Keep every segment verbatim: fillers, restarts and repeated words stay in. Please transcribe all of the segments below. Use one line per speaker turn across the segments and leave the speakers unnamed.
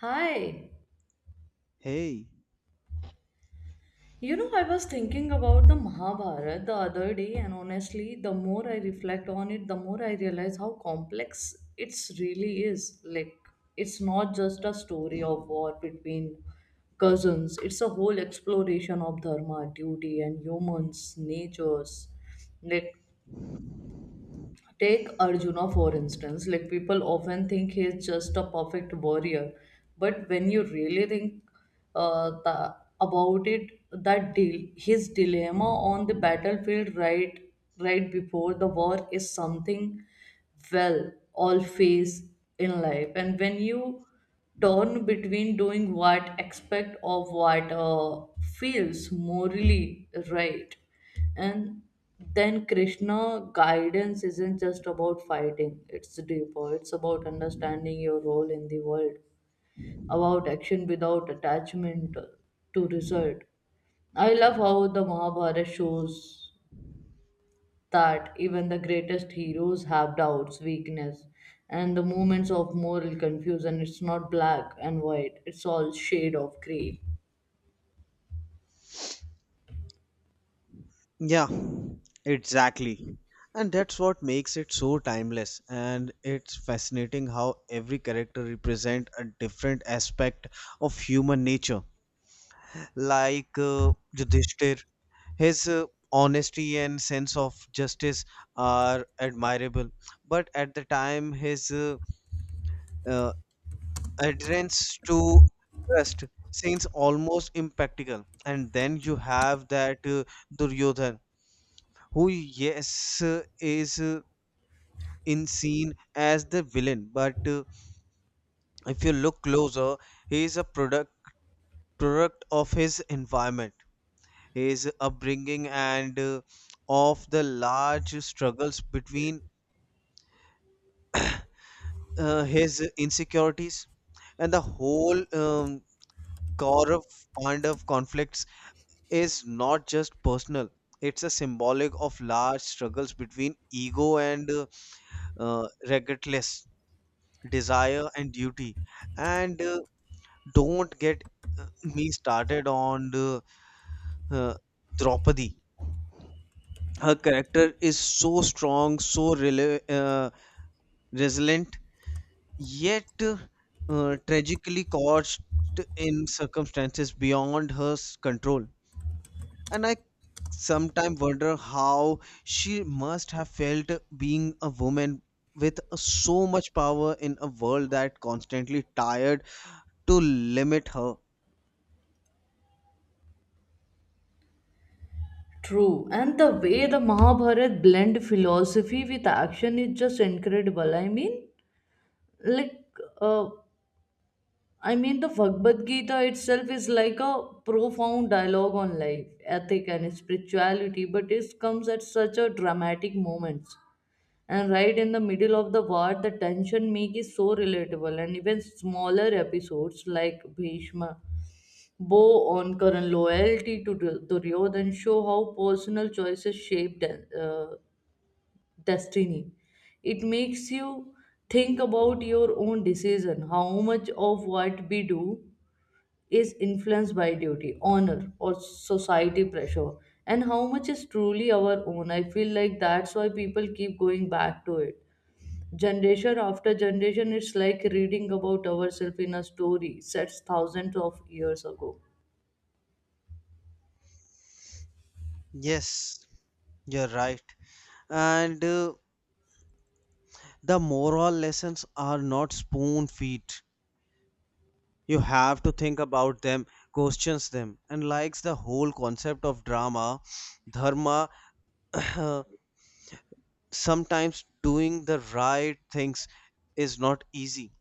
Hi.
Hey,
You know, I was thinking about the Mahabharata the other day, and honestly, the more I reflect on it, the more I realize how complex it's really is. Like, it's not just a story of war between cousins, it's a whole exploration of dharma, duty, and humans' natures. Like, take Arjuna for instance, like people often think he is just a perfect warrior, but when you really think uh, the, about it, that deal, his dilemma on the battlefield right right before the war is something well all face in life, and when you turn between doing what expect of what uh, feels morally right and then Krishna guidance isn't just about fighting, it's deeper. It's about understanding your role in the world, about action without attachment to result. I love how the Mahabharata shows that even the greatest heroes have doubts, weakness, and the moments of moral confusion. It's not black and white, it's all shade of gray.
yeah, exactly. And that's what makes it so timeless. And it's fascinating how every character represents a different aspect of human nature. Like uh, Yudhishthir, his uh, honesty and sense of justice are admirable. But at the time, his uh, uh, adherence to trust seems almost impractical. And then you have that uh, Duryodhan, who, yes, uh, is, uh, in scene, as the villain, but uh, if you look closer, he is a product product of his environment, his upbringing, and uh, of the large struggles between uh, his insecurities. And the whole um, Kaurav Pandav conflicts is not just personal, it's a symbolic of large struggles between ego and uh, uh, regardless, desire and duty. And uh, don't get uh, me started on uh, uh, Draupadi. Her character is so strong, so rela- uh, resilient, yet uh, uh, tragically caught in circumstances beyond her s- control. And I sometimes wonder how she must have felt being a woman with so much power in a world that constantly tired to limit her.
True, and the way the Mahabharat blend philosophy with action is just incredible. I mean, like, uh, I mean, the Bhagavad Gita itself is like a profound dialogue on life, ethic, and spirituality, but it comes at such a dramatic moments and right in the middle of the war the tension make is so relatable and even smaller episodes like bhishma bow on current loyalty to Dur- duryodhan show how personal choices shape de- uh, destiny. It makes you think about your own decision, how much of what we do is influenced by duty, honor, or society pressure, and how much is truly our own. I feel like that's why people keep going back to it generation after generation. It's like reading about ourselves in a story set thousands of years ago.
Yes, you're right. And uh, the moral lessons are not spoon feed. You have to think about them, questions them, and likes the whole concept of drama, dharma. Sometimes doing the right things is not easy,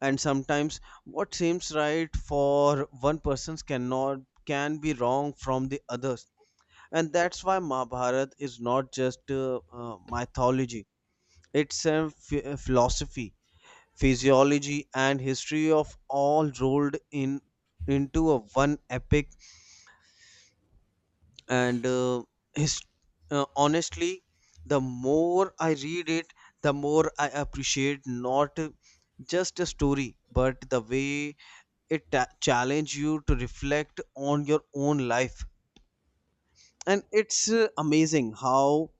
and sometimes what seems right for one person cannot can be wrong from the others. And that's why Mahabharata is not just uh, uh, mythology. It's a ph- uh, philosophy, physiology, and history of all rolled in into a one epic. And uh, his, uh, honestly, the more I read it, the more I appreciate not just a story, but the way it ta- challenge you to reflect on your own life. And it's uh, amazing how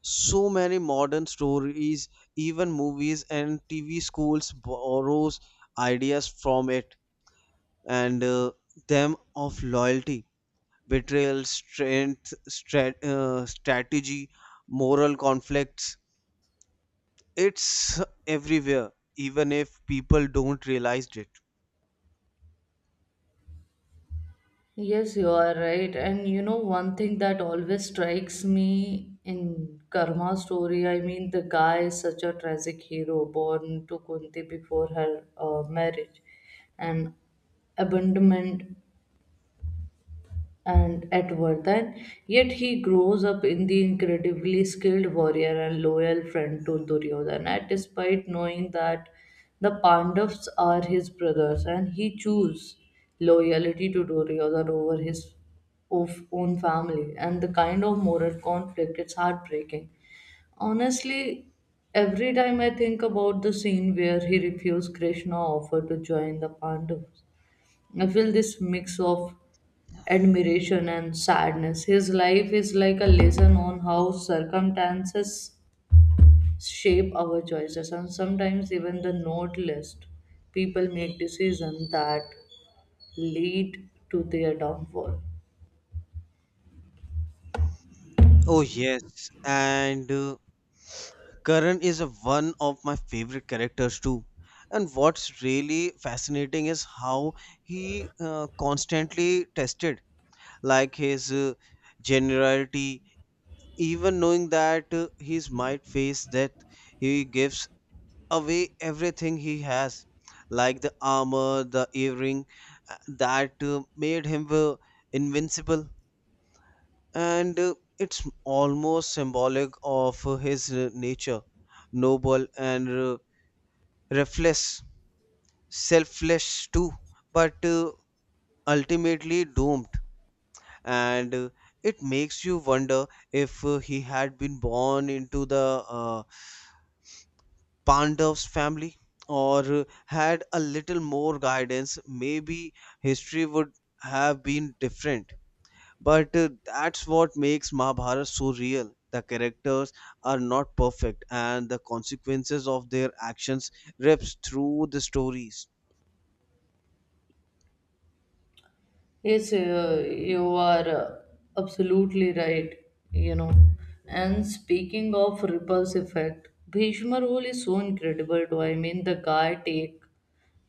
so many modern stories, even movies and tv schools, borrows ideas from it. And uh, them of loyalty, betrayal, strength, strat- uh, strategy, moral conflicts, it's everywhere, even if people don't realize it.
Yes, you are right. And you know, one thing that always strikes me in Karma story, I mean, the guy is such a tragic hero born to Kunti before her uh, marriage and abandonment and at Vardhan, yet he grows up in the incredibly skilled warrior and loyal friend to Duryodhana, despite knowing that the Pandavas are his brothers, and he chooses loyalty to Duryodhana over his of- own family. And the kind of moral conflict, it's heartbreaking. Honestly, every time I think about the scene where he refused Krishna offer to join the Pandavas, I feel this mix of admiration and sadness. His life is like a lesson on how circumstances shape our choices, and sometimes even the noblest people make decisions that lead to their downfall.
Oh yes, and uh, Karan is a- one of my favorite characters too. And what's really fascinating is how he uh, constantly tested, like his uh, generality. Even knowing that uh, he might face death, he gives away everything he has, like the armor, the earring uh, that uh, made him uh, invincible. And uh, it's almost symbolic of uh, his uh, nature, noble and uh, Refless, selfless too, but uh, ultimately doomed. And uh, it makes you wonder if uh, he had been born into the uh, Pandav's family, or uh, had a little more guidance, maybe history would have been different. But uh, that's what makes Mahabharata so real. The characters are not perfect, and the consequences of their actions rips through the stories.
Yes, uh, you are uh, absolutely right, you know. And speaking of repulse effect, Bhishma rule is so incredible too. I mean, the guy take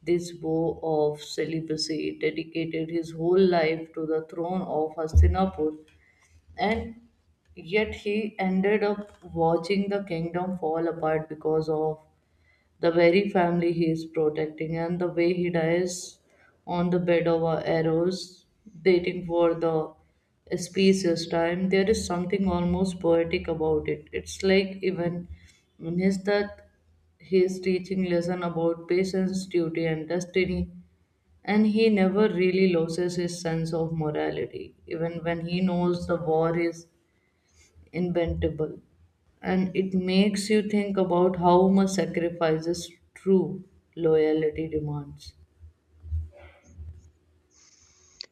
this vow of celibacy, dedicated his whole life to the throne of Hastinapur, and yet he ended up watching the kingdom fall apart because of the very family he is protecting, and the way he dies on the bed of our arrows, waiting for the species time. There is something almost poetic about it. It's like even in his death, he is teaching lesson about patience, duty, and destiny. And he never really loses his sense of morality, even when he knows the war is inventable, and it makes you think about how much sacrifices true loyalty demands.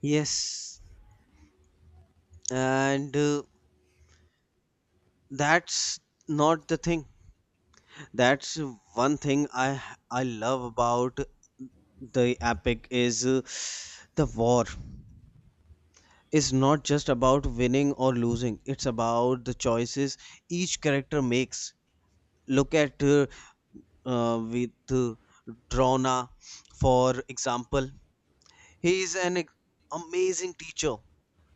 Yes, and uh, that's not the thing that's one thing i i love about the epic is uh, the war is not just about winning or losing, it's about the choices each character makes. Look at uh, uh, with uh, drona, for example. He is an ex- amazing teacher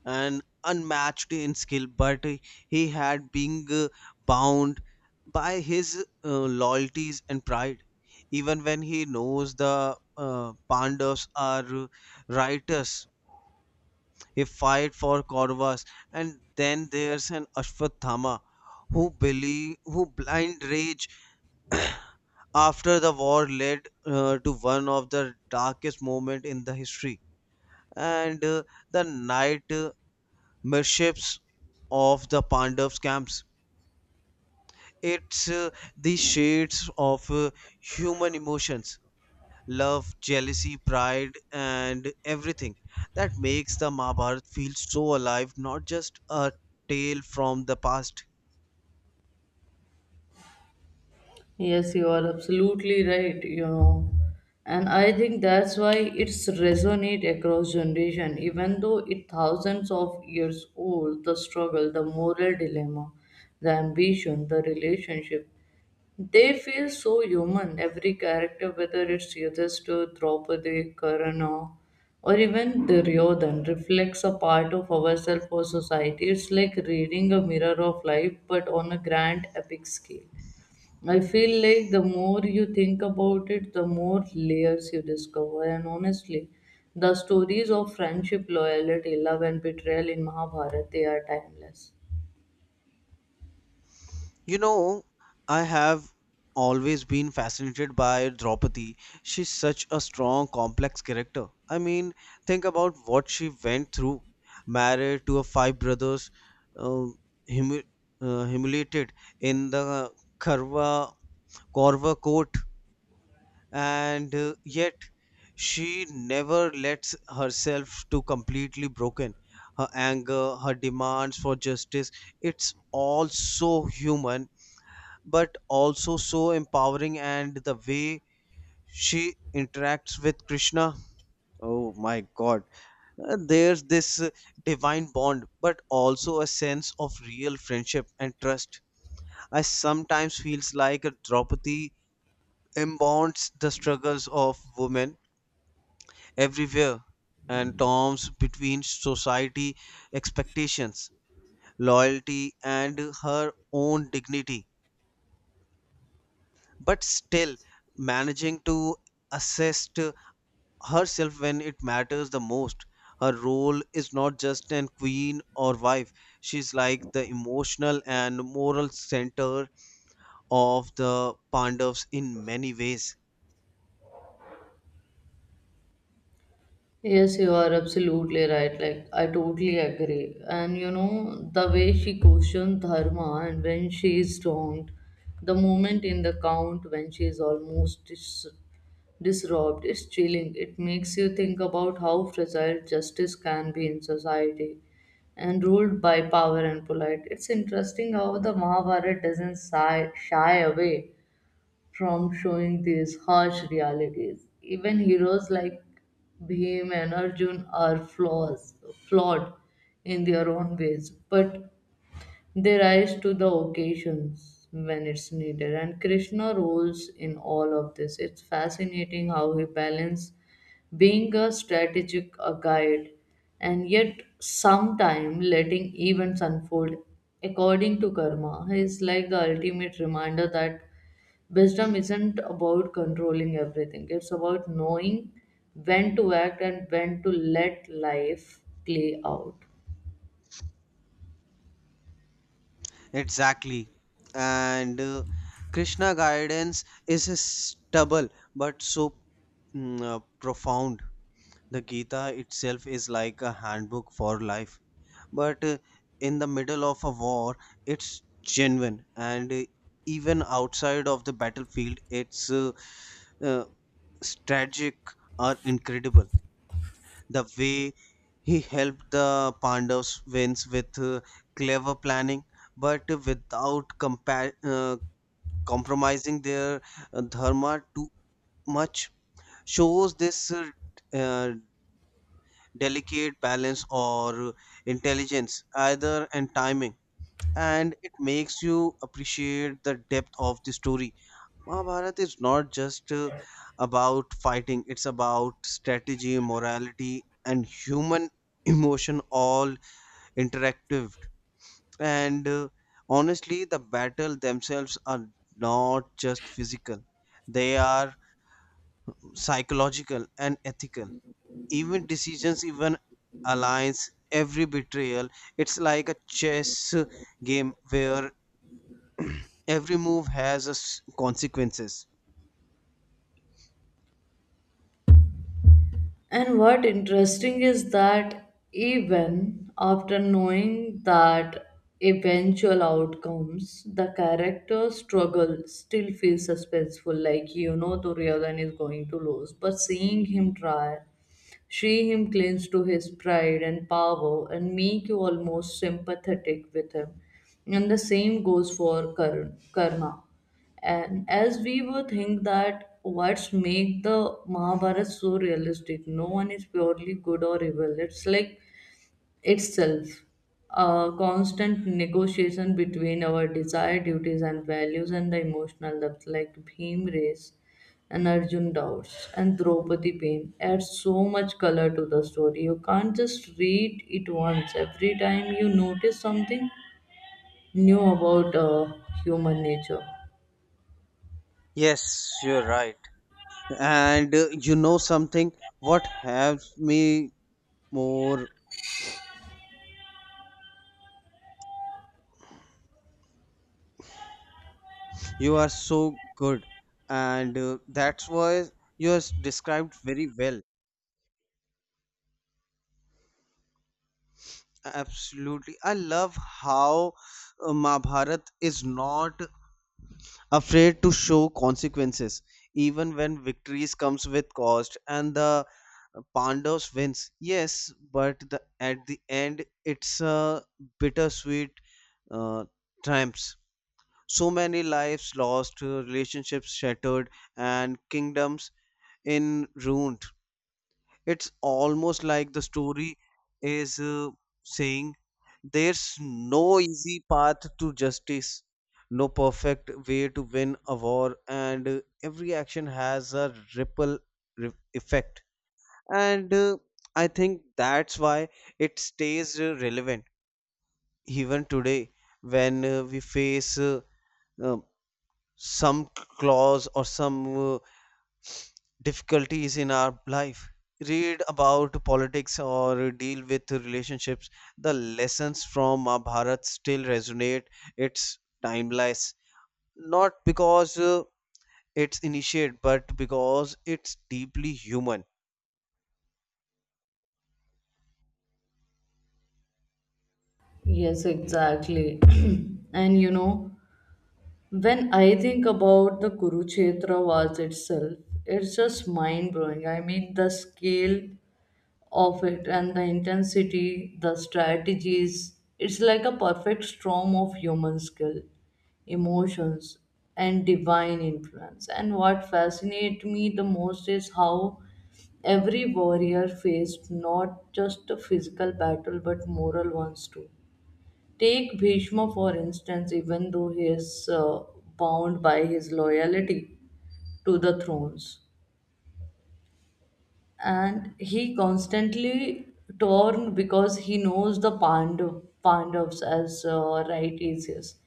and unmatched in skill, but he had been uh, bound by his uh, loyalties and pride. Even when he knows the uh, Pandavas are righteous, he fight for Kauravas. And then there's an Ashwatthama who believe who blind rage after the war led uh, to one of the darkest moment in the history, and uh, the night uh, mirships of the Pandavs camps. It's uh, the shades of uh, human emotions, love, jealousy, pride, and everything that makes the Mahabharata feel so alive, not just a tale from the past.
Yes, you are absolutely right, you know. And I think that's why it's resonate across generation, even though it thousands of years old, the struggle, the moral dilemma, the ambition, the relationship. They feel so human. Every character, whether it's Yudhishthir, Draupadi, Karna, or even Duryodhan, reflects a part of ourselves or society. It's like reading a mirror of life, but on a grand epic scale. I feel like the more you think about it, the more layers you discover. And honestly, the stories of friendship, loyalty, love, and betrayal in Mahabharata they are timeless.
You know, I have always been fascinated by Draupadi. She's such a strong, complex character. I mean, think about what she went through, married to her five brothers, um, humu- uh, humiliated in the Karva Korva court, and uh, yet she never lets herself to completely broken. Her anger, her demands for justice, it's all so human, but also so empowering. And the way she interacts with Krishna, oh my god. Uh, there's this uh, divine bond but also a sense of real friendship and trust. I sometimes feels like a Draupadi embodies the struggles of women everywhere, and storms between society expectations, loyalty, and her own dignity, but still managing to assist herself when it matters the most. Her role is not just an queen or wife, she's like the emotional and moral center of the Pandavas in many ways.
Yes, you are absolutely right. Like, I totally agree. And you know, the way she questioned Dharma and when she is wronged, the moment in the count when she is almost dis- disrobed is chilling. It makes you think about how fragile justice can be in society and ruled by power and polite. It's interesting how the Mahabharata doesn't shy, shy away from showing these harsh realities. Even heroes like Bhim and Arjun are flaws, flawed in their own ways, but they rise to the occasions when it's needed, and Krishna rules in all of this. It's fascinating how he balances being a strategic a guide and yet sometime letting events unfold according to karma is like the ultimate reminder that wisdom isn't about controlling everything, it's about knowing when to act and when to let life play out.
Exactly. And uh, Krishna guidance is a stubble but so mm, uh, profound. The Gita itself is like a handbook for life, but uh, in the middle of a war it's genuine. And uh, even outside of the battlefield it's uh, uh, strategic are incredible, the way he helped the pandavas wins with uh, clever planning, but without compa- uh, compromising their uh, dharma too much, shows this uh, uh, delicate balance or intelligence either and timing. And it makes you appreciate the depth of the story. Mahabharata is not just uh, about fighting, it's about strategy, morality, and human emotion all interactive. And uh, honestly, the battle themselves are not just physical, they are psychological and ethical. Even decisions, even alliance, every betrayal, it's like a chess uh, game where every move has a s- consequences.
And what interesting is that even after knowing that eventual outcomes, the character struggle still feels suspenseful, like you know Duryodhan is going to lose. But seeing him try she him clings to his pride and power and make you almost sympathetic with him. And the same goes for kar- karma. And as we would think that what's make the Mahabharata so realistic, no one is purely good or evil. It's like itself a constant negotiation between our desire, duties and values, and the emotional depth like Bhim Race and Arjun Doubts and Draupadi Pain adds so much color to the story. You can't just read it once. Every time you notice something new about uh, human nature.
Yes, you're right. And uh, you know something, what helps me more, you are so good, and uh, that's why you are described very well. Absolutely, I love how uh, mahabharat is not afraid to show consequences, even when victories comes with cost. And the pandavas wins, yes, but the, at the end it's a bittersweet uh, triumphs. So many lives lost, uh, relationships shattered, and kingdoms in ruined. It's almost like the story is uh, saying there's no easy path to justice, no perfect way to win a war, and uh, every action has a ripple re- effect. And uh, I think that's why it stays uh, relevant even today, when uh, we face uh, uh, some clause or some uh, difficulties in our life, read about politics or deal with relationships, the lessons from mahabharat still resonate. It's timeless, not because uh, it's initiate, but because it's deeply human.
Yes, exactly. And you know, when I think about the Kurukshetra Wars itself, it's just mind blowing. I mean, the scale of it and the intensity, the strategies, it's like a perfect storm of human skill, emotions, and divine influence. And what fascinates me the most is how every warrior faced not just a physical battle but moral ones too. Take Bhishma for instance, even though he is uh, bound by his loyalty to the thrones, and he constantly torn because he knows the Pandu, Pandavas as uh, right easiest,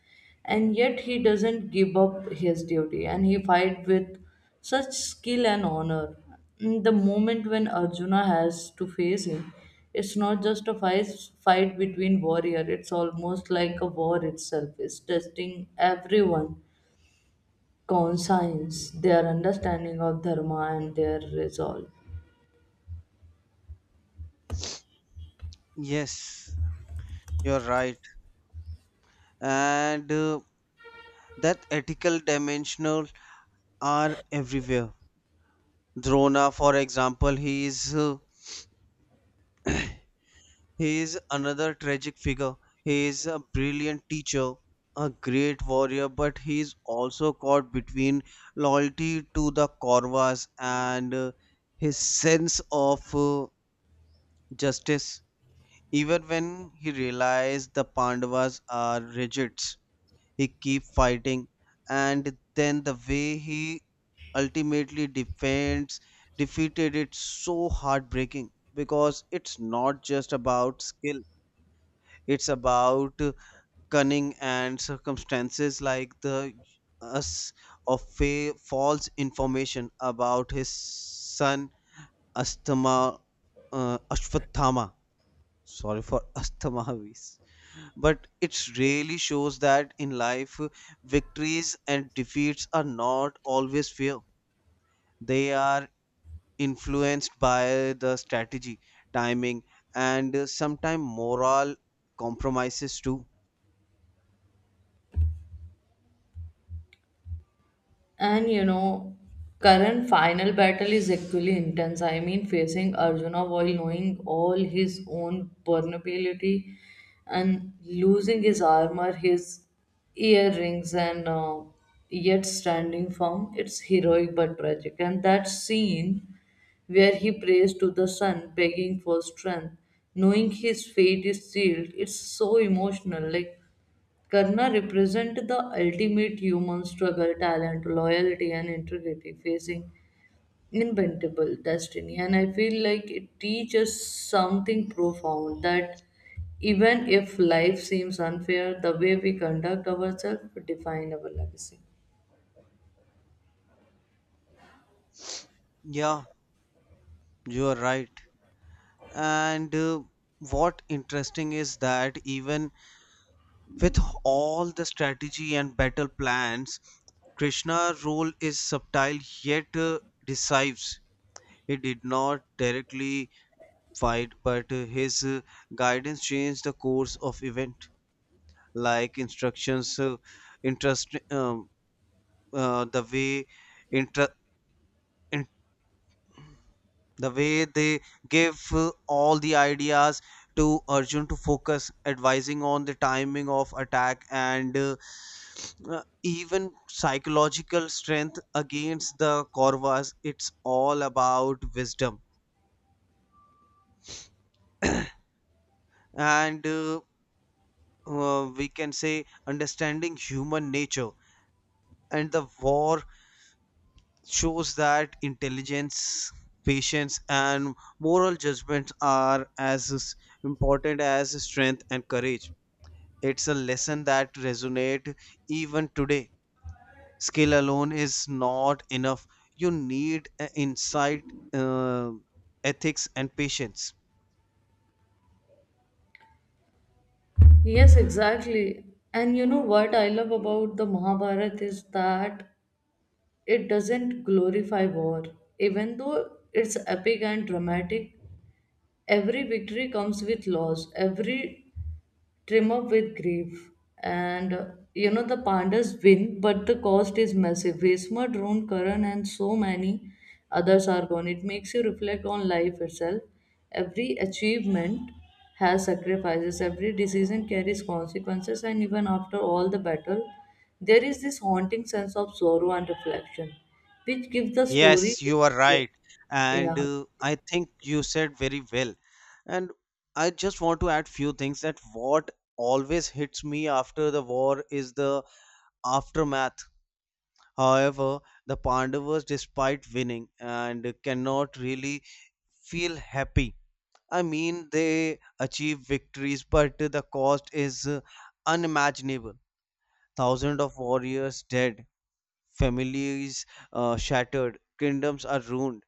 and yet he doesn't give up his duty and he fight with such skill and honor. Mm, the moment when Arjuna has to face him, it's not just a fight, fight between warrior. It's almost like a war itself. It's testing everyone conscience, their understanding of dharma and their resolve.
Yes, you're right. And uh, that ethical dimensional are everywhere. Drona, for example, he is uh, He is another tragic figure. He is a brilliant teacher, a great warrior, but he is also caught between loyalty to the Kauravas and uh, his sense of uh, justice. Even when he realizes the Pandavas are rigid, he keeps fighting. And then the way he ultimately defends defeated it so heartbreaking, because it's not just about skill, it's about cunning and circumstances, like the us of fa- false information about his son Astama uh, Ashwathama. Sorry for Asthamavis. But it really shows that in life, victories and defeats are not always fair. They are influenced by the strategy, timing, and sometimes moral compromises too.
And you know, current final battle is equally intense. I mean, facing Arjuna while knowing all his own vulnerability and losing his armor, his earrings, and uh, yet standing firm, it's heroic but tragic. And that scene where he prays to the sun, begging for strength, knowing his fate is sealed, it's so emotional. Like, Karna represent the ultimate human struggle, talent, loyalty, and integrity, facing inevitable destiny. And I feel like it teaches something profound that even if life seems unfair, the way we conduct ourselves define our legacy.
Yeah, you are right. And uh, what interesting is that even with all the strategy and battle plans, Krishna's role is subtle yet uh, decisive. He did not directly fight, but uh, his uh, guidance changed the course of event, like instructions, uh, interest, um, uh, the way inter- the way they give uh, all the ideas to Arjun to focus, advising on the timing of attack, and uh, uh, even psychological strength against the Kauravas. It's all about wisdom and uh, uh, we can say understanding human nature. And the war shows that intelligence, patience, and moral judgments are as important as strength and courage. It's a lesson that resonate even today. Skill alone is not enough. You need uh, insight, uh, ethics, and patience.
Yes, exactly. And you know what I love about the Mahabharata is that it doesn't glorify war. Even though it's epic and dramatic, every victory comes with loss, every triumph with grief. And uh, you know, the Pandas win, but the cost is massive. Vesma, Drone, Karan, and so many others are gone. It makes you reflect on life itself. Every achievement has sacrifices, every decision carries consequences, and even after all the battle, there is this haunting sense of sorrow and reflection, which gives the story.
Yes, you are right. And
Yeah.
uh, I think you said very well. And I just want to add few things that what always hits me after the war is the aftermath. However, the Pandavas, despite winning, and cannot really feel happy. I mean, they achieve victories, but the cost is uh, unimaginable. Thousands of warriors dead, families uh, shattered, kingdoms are ruined.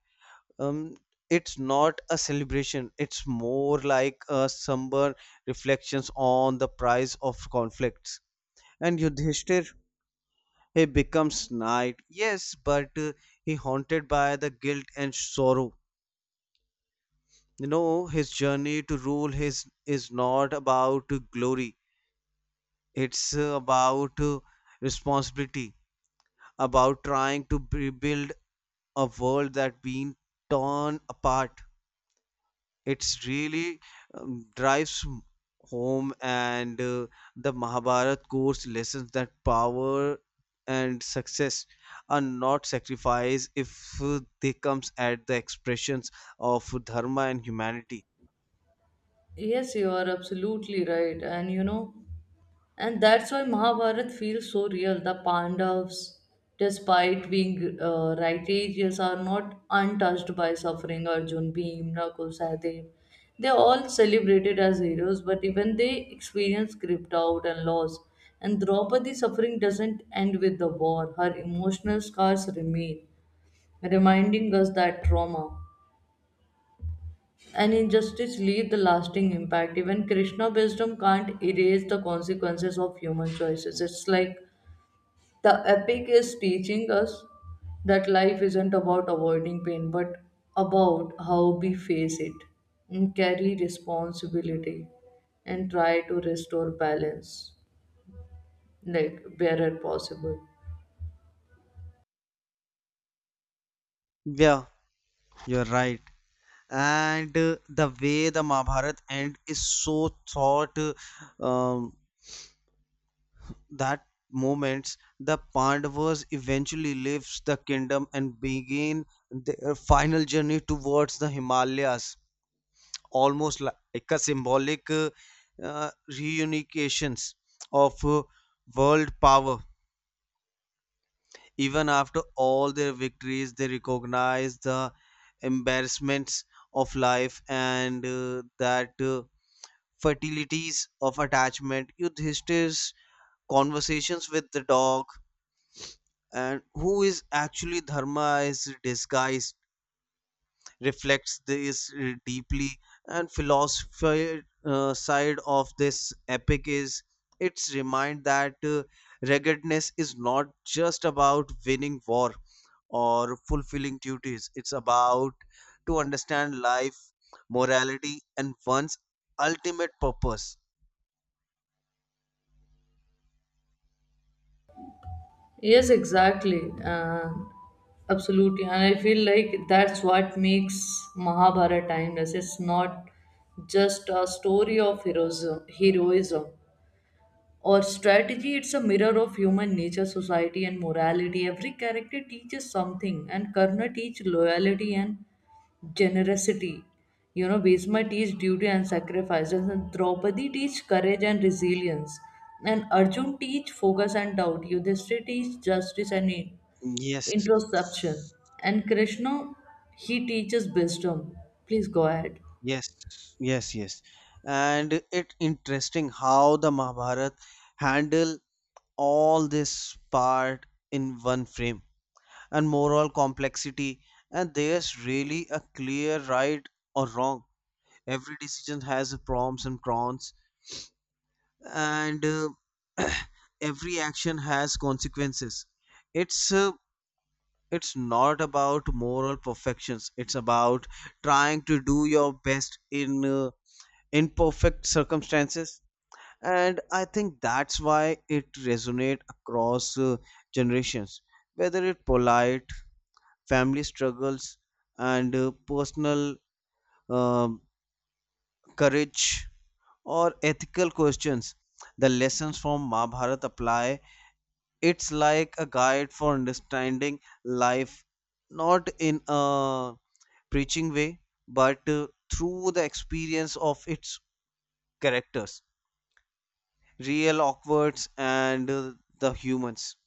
Um, it's not a celebration, it's more like a somber reflections on the price of conflicts. And Yudhishthir, he becomes knight, yes, but uh, he haunted by the guilt and sorrow. You know, his journey to rule his is not about glory. It's uh, about uh, responsibility, about trying to rebuild a world that been torn apart. It's really um, drives home, and uh, the Mahabharat course lessons that power and success are not sacrificed if uh, they comes at the expressions of dharma and humanity.
Yes, you are absolutely right. And you know, and that's why Mahabharata feels so real. The Pandavas, despite being uh, righteous, are not untouched by suffering. Arjun, Bhim, Nakul, Sahadev. They are all celebrated as heroes, but even they experience gripped out and loss. And Draupadi's suffering doesn't end with the war. Her emotional scars remain, reminding us that trauma and injustice leave the lasting impact. Even Krishna wisdom can't erase the consequences of human choices. It's like the epic is teaching us that life isn't about avoiding pain, but about how we face it and carry responsibility and try to restore balance, like wherever possible.
Yeah, you're right. And uh, the way the Mahabharata end is so thought uh, um, that moments the Pandavas eventually leaves the kingdom and begin their final journey towards the Himalayas, almost like a symbolic uh, uh, reunifications of uh, world power. Even after all their victories, they recognize the embarrassments of life and uh, that. Uh, fertilities of attachment, Yudhishthir's conversations with the dog, and who is actually Dharma is disguised, reflects this uh, deeply. And philosophy uh, side of this epic is its remind that uh, ruggedness is not just about winning war or fulfilling duties. It's about to understand life, morality, and one's ultimate purpose.
Yes, exactly. Uh, absolutely. And I feel like that's what makes Mahabharata timeless. It's not just a story of heroism, heroism or strategy, it's a mirror of human nature, society, and morality. Every character teaches something, and Karna teaches loyalty and generosity. You know, Bhisma teaches duty and sacrifice, and Draupadi teaches courage and resilience, and Arjun teaches focus and doubt. Yudhishthira teaches justice and in-
Yes.
introspection, and Krishna he teaches wisdom. Please go ahead.
Yes, yes, yes. And it interesting how the Mahabharata handle all this part in one frame and moral complexity, and there's really a clear right or wrong. Every decision has proms and cons, and uh, every action has consequences. It's uh, it's not about moral perfections. It's about trying to do your best in uh, in perfect circumstances. And I think that's why it resonates across uh, generations. Whether it polite family struggles, and uh, personal um courage, or ethical questions, the lessons from Mahabharata apply. It's like a guide for understanding life, not in a preaching way, but uh, through the experience of its characters, real awkwards, and uh, the humans.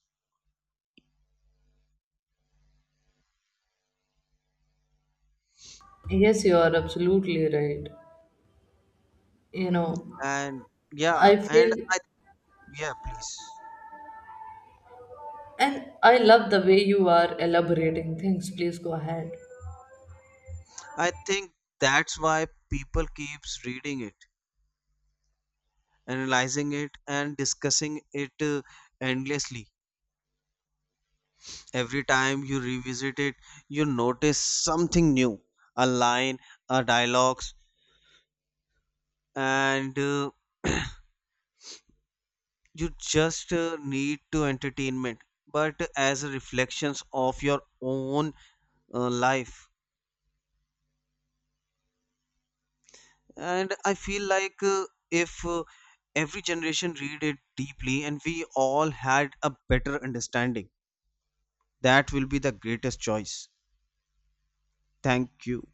Yes, you are absolutely right. You know,
And yeah,
I
and
feel
I yeah, please,
and I love the way you are elaborating things. Please go ahead.
I think that's why people keeps reading it, analyzing it, and discussing it uh, endlessly. Every time you revisit it, you notice something new, a line, a dialogues, and uh, you just uh, need to entertainment, but as a reflections of your own uh, life. And I feel like uh, if uh, every generation read it deeply and we all had a better understanding, that will be the greatest choice. Thank you.